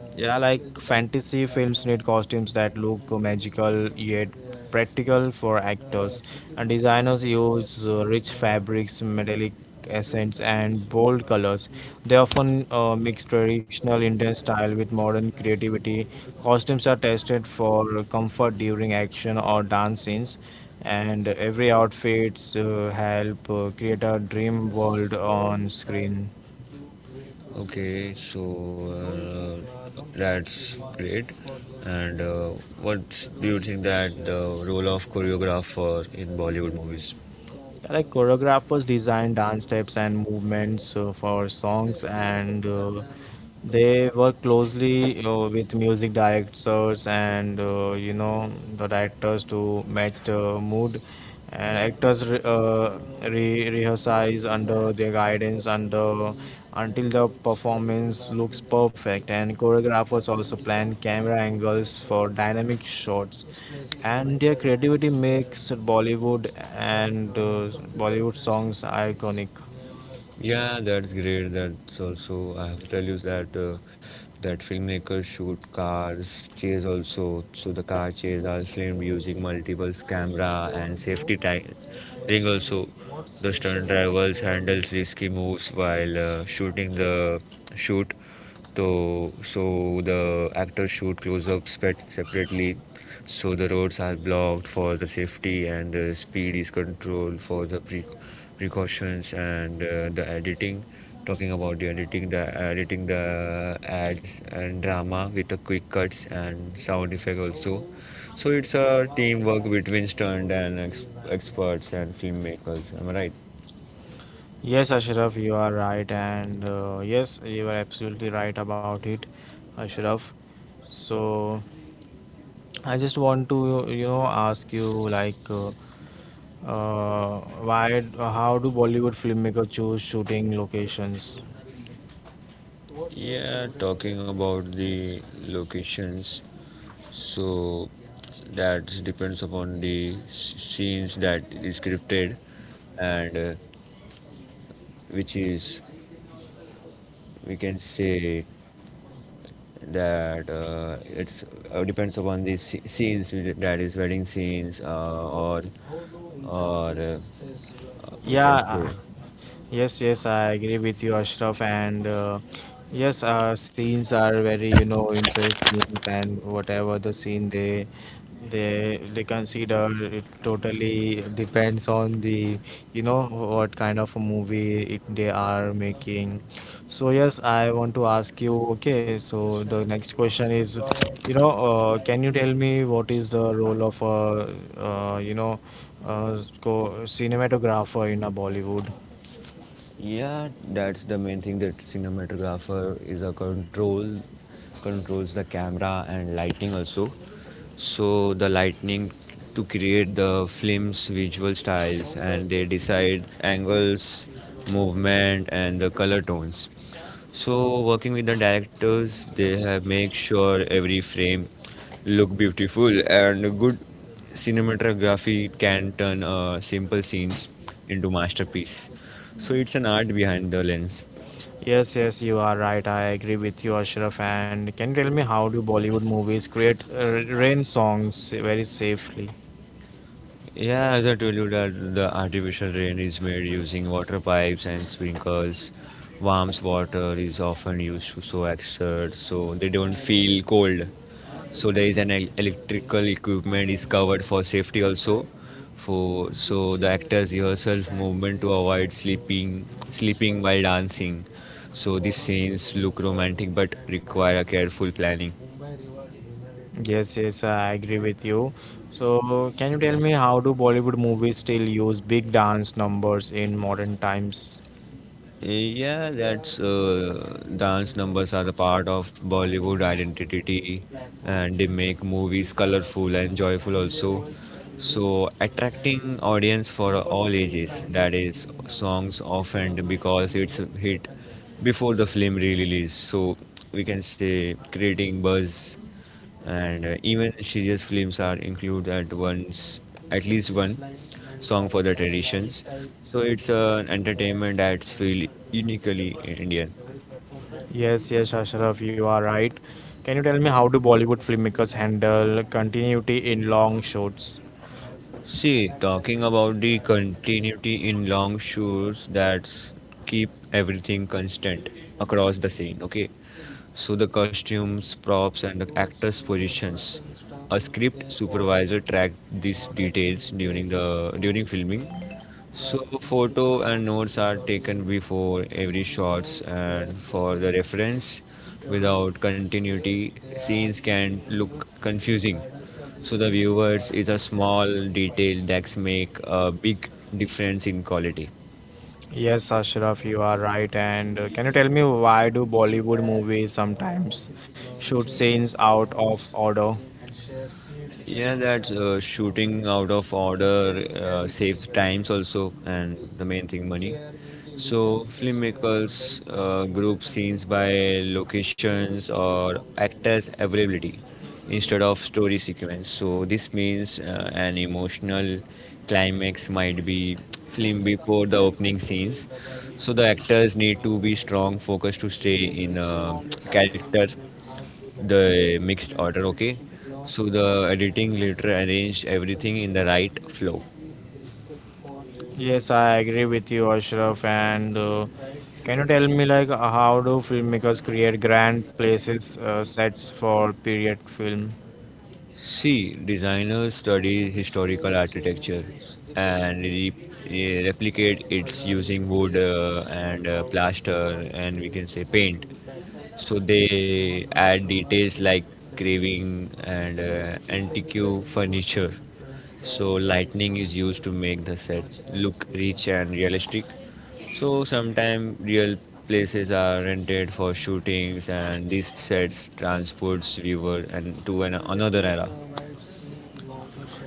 Yeah, like fantasy films need costumes that look magical yet practical for actors. And designers use rich fabrics, metallic accents, and bold colors. They often mix traditional Indian style with modern creativity. Costumes are tested for comfort during action or dance scenes, and every outfits help create a dream world on screen. Okay, so that's great. And what do you think that the role of choreographer in Bollywood movies? Yeah, like choreographers design dance steps and movements for songs, and they work closely with music directors and the directors to match the mood, and actors rehearse under their guidance under until the performance looks perfect, and choreographers also plan camera angles for dynamic shots, and their creativity makes and uh, bollywood songs iconic. Yeah, that's great. That's also I have to tell you that that filmmakers shoot cars chase also. So the car chase are filmed using multiple camera and safety ring also. The stunt special about drivers handles risky moves while shooting the shoot. So, so the actors shoot close-ups separately. So the roads are blocked for the safety, and the speed is controlled for the precautions and the editing. Talking about the editing, the editing the ads and drama with the quick cuts and sound effect also. So it's a teamwork between stunt and experts and filmmakers. Am I right? Yes, Ashraf, you are right, and yes, you are absolutely right about it, Ashraf. So I just want to, ask you like, how do Bollywood filmmakers choose shooting locations? Yeah, talking about the locations. So that depends upon the scenes that is scripted, and which is we can say that it's depends upon the scenes which, that is wedding scenes or we Yeah, can say. yes, yes, I agree with you, Ashraf. And Yes, scenes are very, interesting, and whatever the scene they consider, it totally depends on the you know what kind of a movie they are making. So yes, I want to ask you, okay, so the next question is, can you tell me, what is the role of a you know co cinematographer in a Bollywood? Yeah, that's the main thing that cinematographer is a controls the camera and lighting also. So the lightning to create the film's visual styles, and they decide angles, movement, and the color tones. So working with the directors, they have make sure every frame look beautiful and good. Cinematography can turn simple scenes into masterpiece. So it's an art behind the lens. Yes, yes, you are right. I agree with you, Ashraf. And can you tell me, how do Bollywood movies create rain songs very safely? Yeah, as I told you that the artificial rain is made using water pipes and sprinkles. Warm water is often used to so exert so they don't feel cold. So there is an electrical equipment is covered for safety also, for so the actors yourself movement to avoid sleeping while dancing. So these scenes look romantic but require a careful planning. Yes, yes, I agree with you. So, can you tell me, how do Bollywood movies still use big dance numbers in modern times? Yeah, that's dance numbers are a part of Bollywood identity, and they make movies colorful and joyful also. So attracting audience for all ages, that is songs often because it's a hit before the film release. So we can say creating buzz, and even serious films are included at once at least one song for the traditions. So it's an entertainment that's feel uniquely Indian. Yes, yes, Ashraf, you are right. Can you tell me, how do Bollywood filmmakers handle continuity in long shots? See, talking about the continuity in long shoes that keep everything constant across the scene, okay? So the costumes, props, and the actors' positions. A script supervisor tracked these details during the during filming, so photo and notes are taken before every shots and for the reference. Without continuity, scenes can look confusing. So the viewers is a small detail that make a big difference in quality. Yes, Ashraf, you are right. And Can you tell me, why do Bollywood movies sometimes shoot scenes out of order? Yeah, that's shooting out of order saves times also, and the main thing money. So filmmakers group scenes by locations or actors' availability instead of story sequence. So this means an emotional climax might be film before the opening scenes. So the actors need to be strong, focused to stay in character, the mixed order. Okay, so the editing later arranged everything in the right flow. Yes, I agree with you, Ashraf. And Can you tell me, like, how do filmmakers create grand places, sets for period film? See, designers study historical architecture and replicate its using wood and plaster and we can say paint. So they add details like carving and antique furniture. So lightning is used to make the set look rich and realistic. So sometimes real places are rented for shootings, and these sets transports viewer and to an, another era.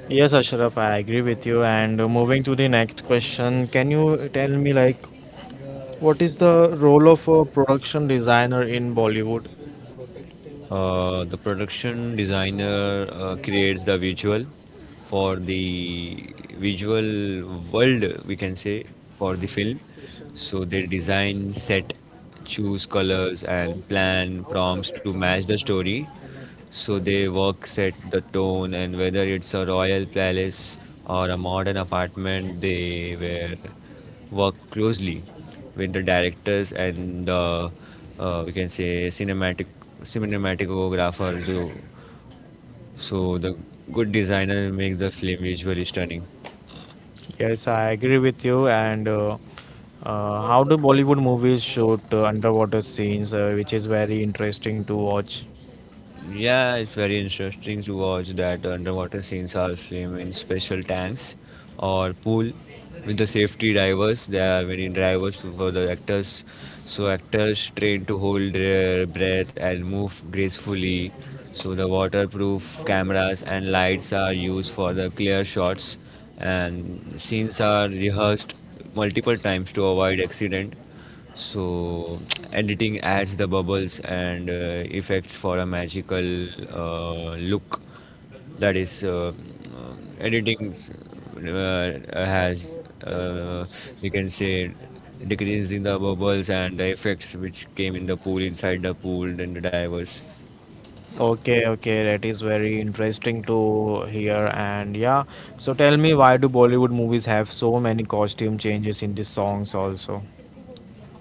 Yes, Ashraf, I agree with you. And Moving to the next question, can you tell me, like, what is the role of a production designer in Bollywood? The production designer creates the visual, for the visual world, we can say, for the film. So they design, set, choose colors, and plan prompts to match the story. So they work, set the tone, and whether it's a royal palace or a modern apartment, they were work closely with the directors and the we can say cinematic cinematographer. So so the good designer makes the film visually stunning. Yes, I agree with you. And How do Bollywood movies shoot underwater scenes, which is very interesting to watch. Yeah, it's very interesting to watch that underwater scenes are filmed in special tanks or pool with the safety divers. There are many divers for the actors, so actors trained to hold their breath and move gracefully. So the waterproof cameras and lights are used for the clear shots, and scenes are rehearsed multiple times to avoid accident. So editing adds the bubbles and effects for a magical look. That is, editing s- has uh, we can say decreasing the bubbles and the effects which came in the pool inside the pool and the divers. Okay, okay, that is very interesting to hear. And yeah, so tell me, why do Bollywood movies have so many costume changes in the songs also?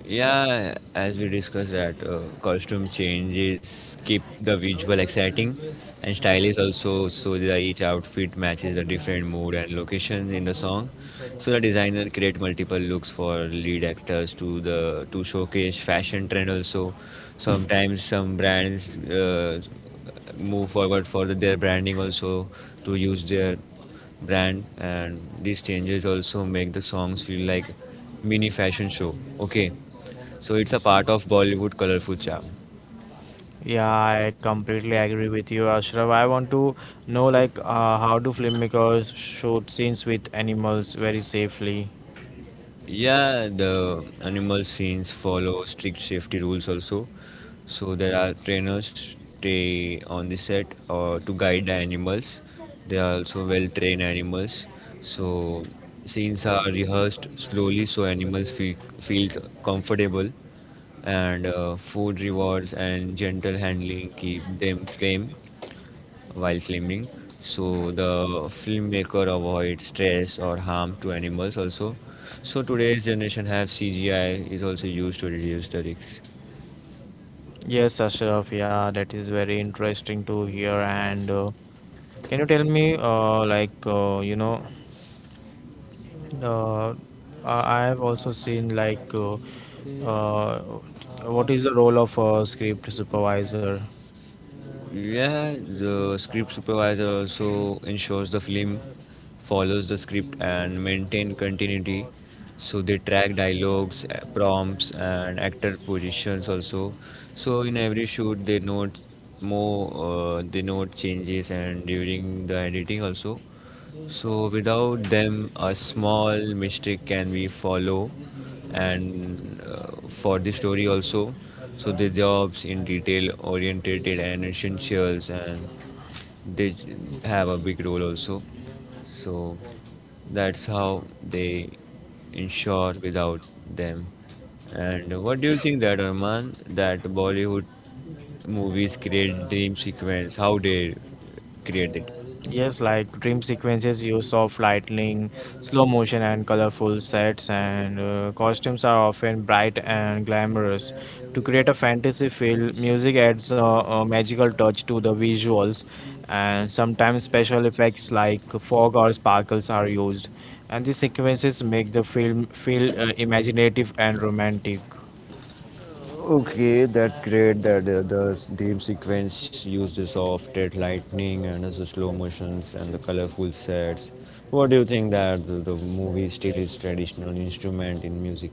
Yeah, as we discussed that costume changes keep the visual exciting and style is also so that each outfit matches the different mood and location in the song. So the designer create multiple looks for lead actors to the to showcase fashion trend also. Sometimes some brands move forward for the, their branding also to use their brand, and these changes also make the songs feel like mini fashion show. Okay, so it's a part of Bollywood colorful charm. Yeah, I completely agree with you, Ashraf. I want to know, like, how do filmmakers shoot scenes with animals very safely? Yeah, the animal scenes follow strict safety rules also. So there are trainers stay on the set or to guide the animals. They are also well trained animals. So scenes are rehearsed slowly so animals feels comfortable, and food rewards and gentle handling keep them calm while filming. So the filmmaker avoid stress or harm to animals also. So today's generation have CGI is also used to reduce the risks. Yes, Ashraf, yeah, that is very interesting to hear. And Can you tell me, uh, I have also seen, like, uh, what is the role of a script supervisor? Yeah, the script supervisor also ensures the film follows the script and maintain continuity. So they track dialogues, prompts, and actor positions also. So in every shoot they note changes and during the editing also. So without them, a small mistake can be follow, and for the story also. So the jobs in detail oriented and essentials, and they have a big role also. So that's how they ensure without them. And what do you think that, Arman, that Bollywood movies create dream sequence? How they create it? Yes, like, dream sequences use of lightning, slow motion, and colorful sets, and costumes are often bright and glamorous. To create a fantasy feel, music adds a magical touch to the visuals, and sometimes special effects like fog or sparkles are used. And these sequences make the film feel imaginative and romantic. Okay, that's great that the theme sequence uses of dead lightning and also slow motions and the colorful sets. What do you think that the movie still is traditional instrument in music?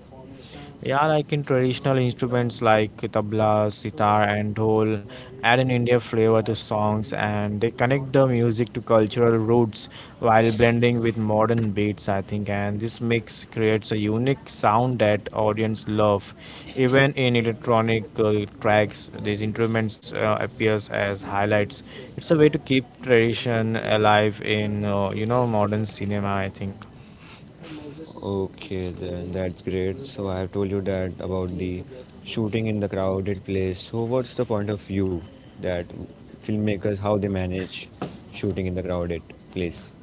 Yeah, like, in traditional instruments like tabla, sitar, and dhol, add an India flavor to songs, and they connect the music to cultural roots while blending with modern beats, I think. And this mix creates a unique sound that audience love. Even in electronic tracks, these instruments appears as highlights. It's a way to keep tradition alive in modern cinema, I think. Okay, then that's great. So I have told you that about the shooting in the crowded place. So what's the point of view that filmmakers how they manage shooting in the crowded place?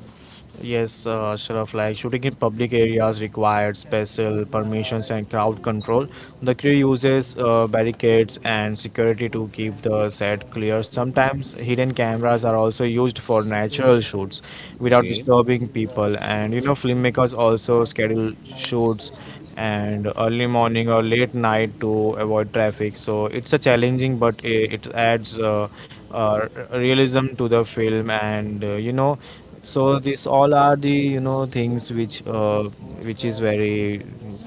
Yes, Ashraf, like, shooting in public areas required special permissions and crowd control. The crew uses barricades and security to keep the set clear. Sometimes hidden cameras are also used for natural shoots without Okay. disturbing people. And you know, filmmakers also schedule shoots and early morning or late night to avoid traffic. So it's a challenging, but it adds realism to the film, and so these all are the things which is very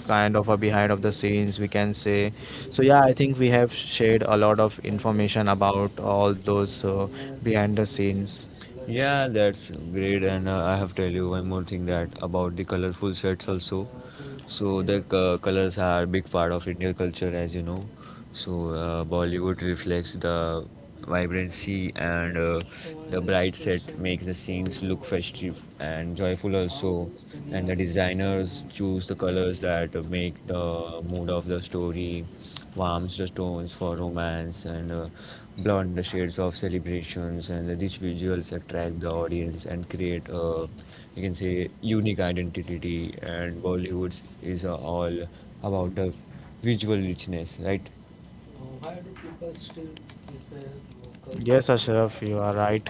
kind of a behind of the scenes, we can say. So yeah, I think we have shared a lot of information about all those behind the scenes. Yeah, that's great. And I have to tell you one more thing that about the colorful sets also. So the colors are big part of Indian culture, as you know. So Bollywood reflects the vibrancy and the bright set makes the scenes look festive and joyful also. And the designers choose the colors that make the mood of the story, warms the tones for romance and blonde the shades of celebrations, and the rich visuals attract the audience and create a you can say unique identity. And Bollywood is all about the visual richness, right? Yes, Ashraf, you are right.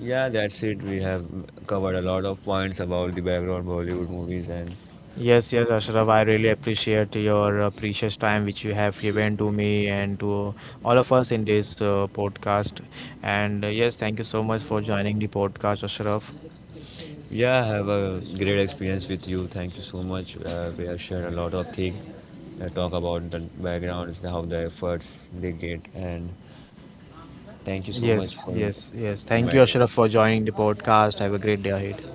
Yeah, that's it. We have covered a lot of points about the background Bollywood movies and Yes, yes, Ashraf, I really appreciate your precious time which you have given to me and to all of us in this podcast. And Yes, thank you so much for joining the podcast, Ashraf. yeah, have a great experience with you. Thank you so much. We have shared a lot of things. Talk about the backgrounds, how the efforts they get, and thank you so much Yes, for yes, yes. Thank you, inviting. Ashraf, for joining the podcast. Have a great day ahead.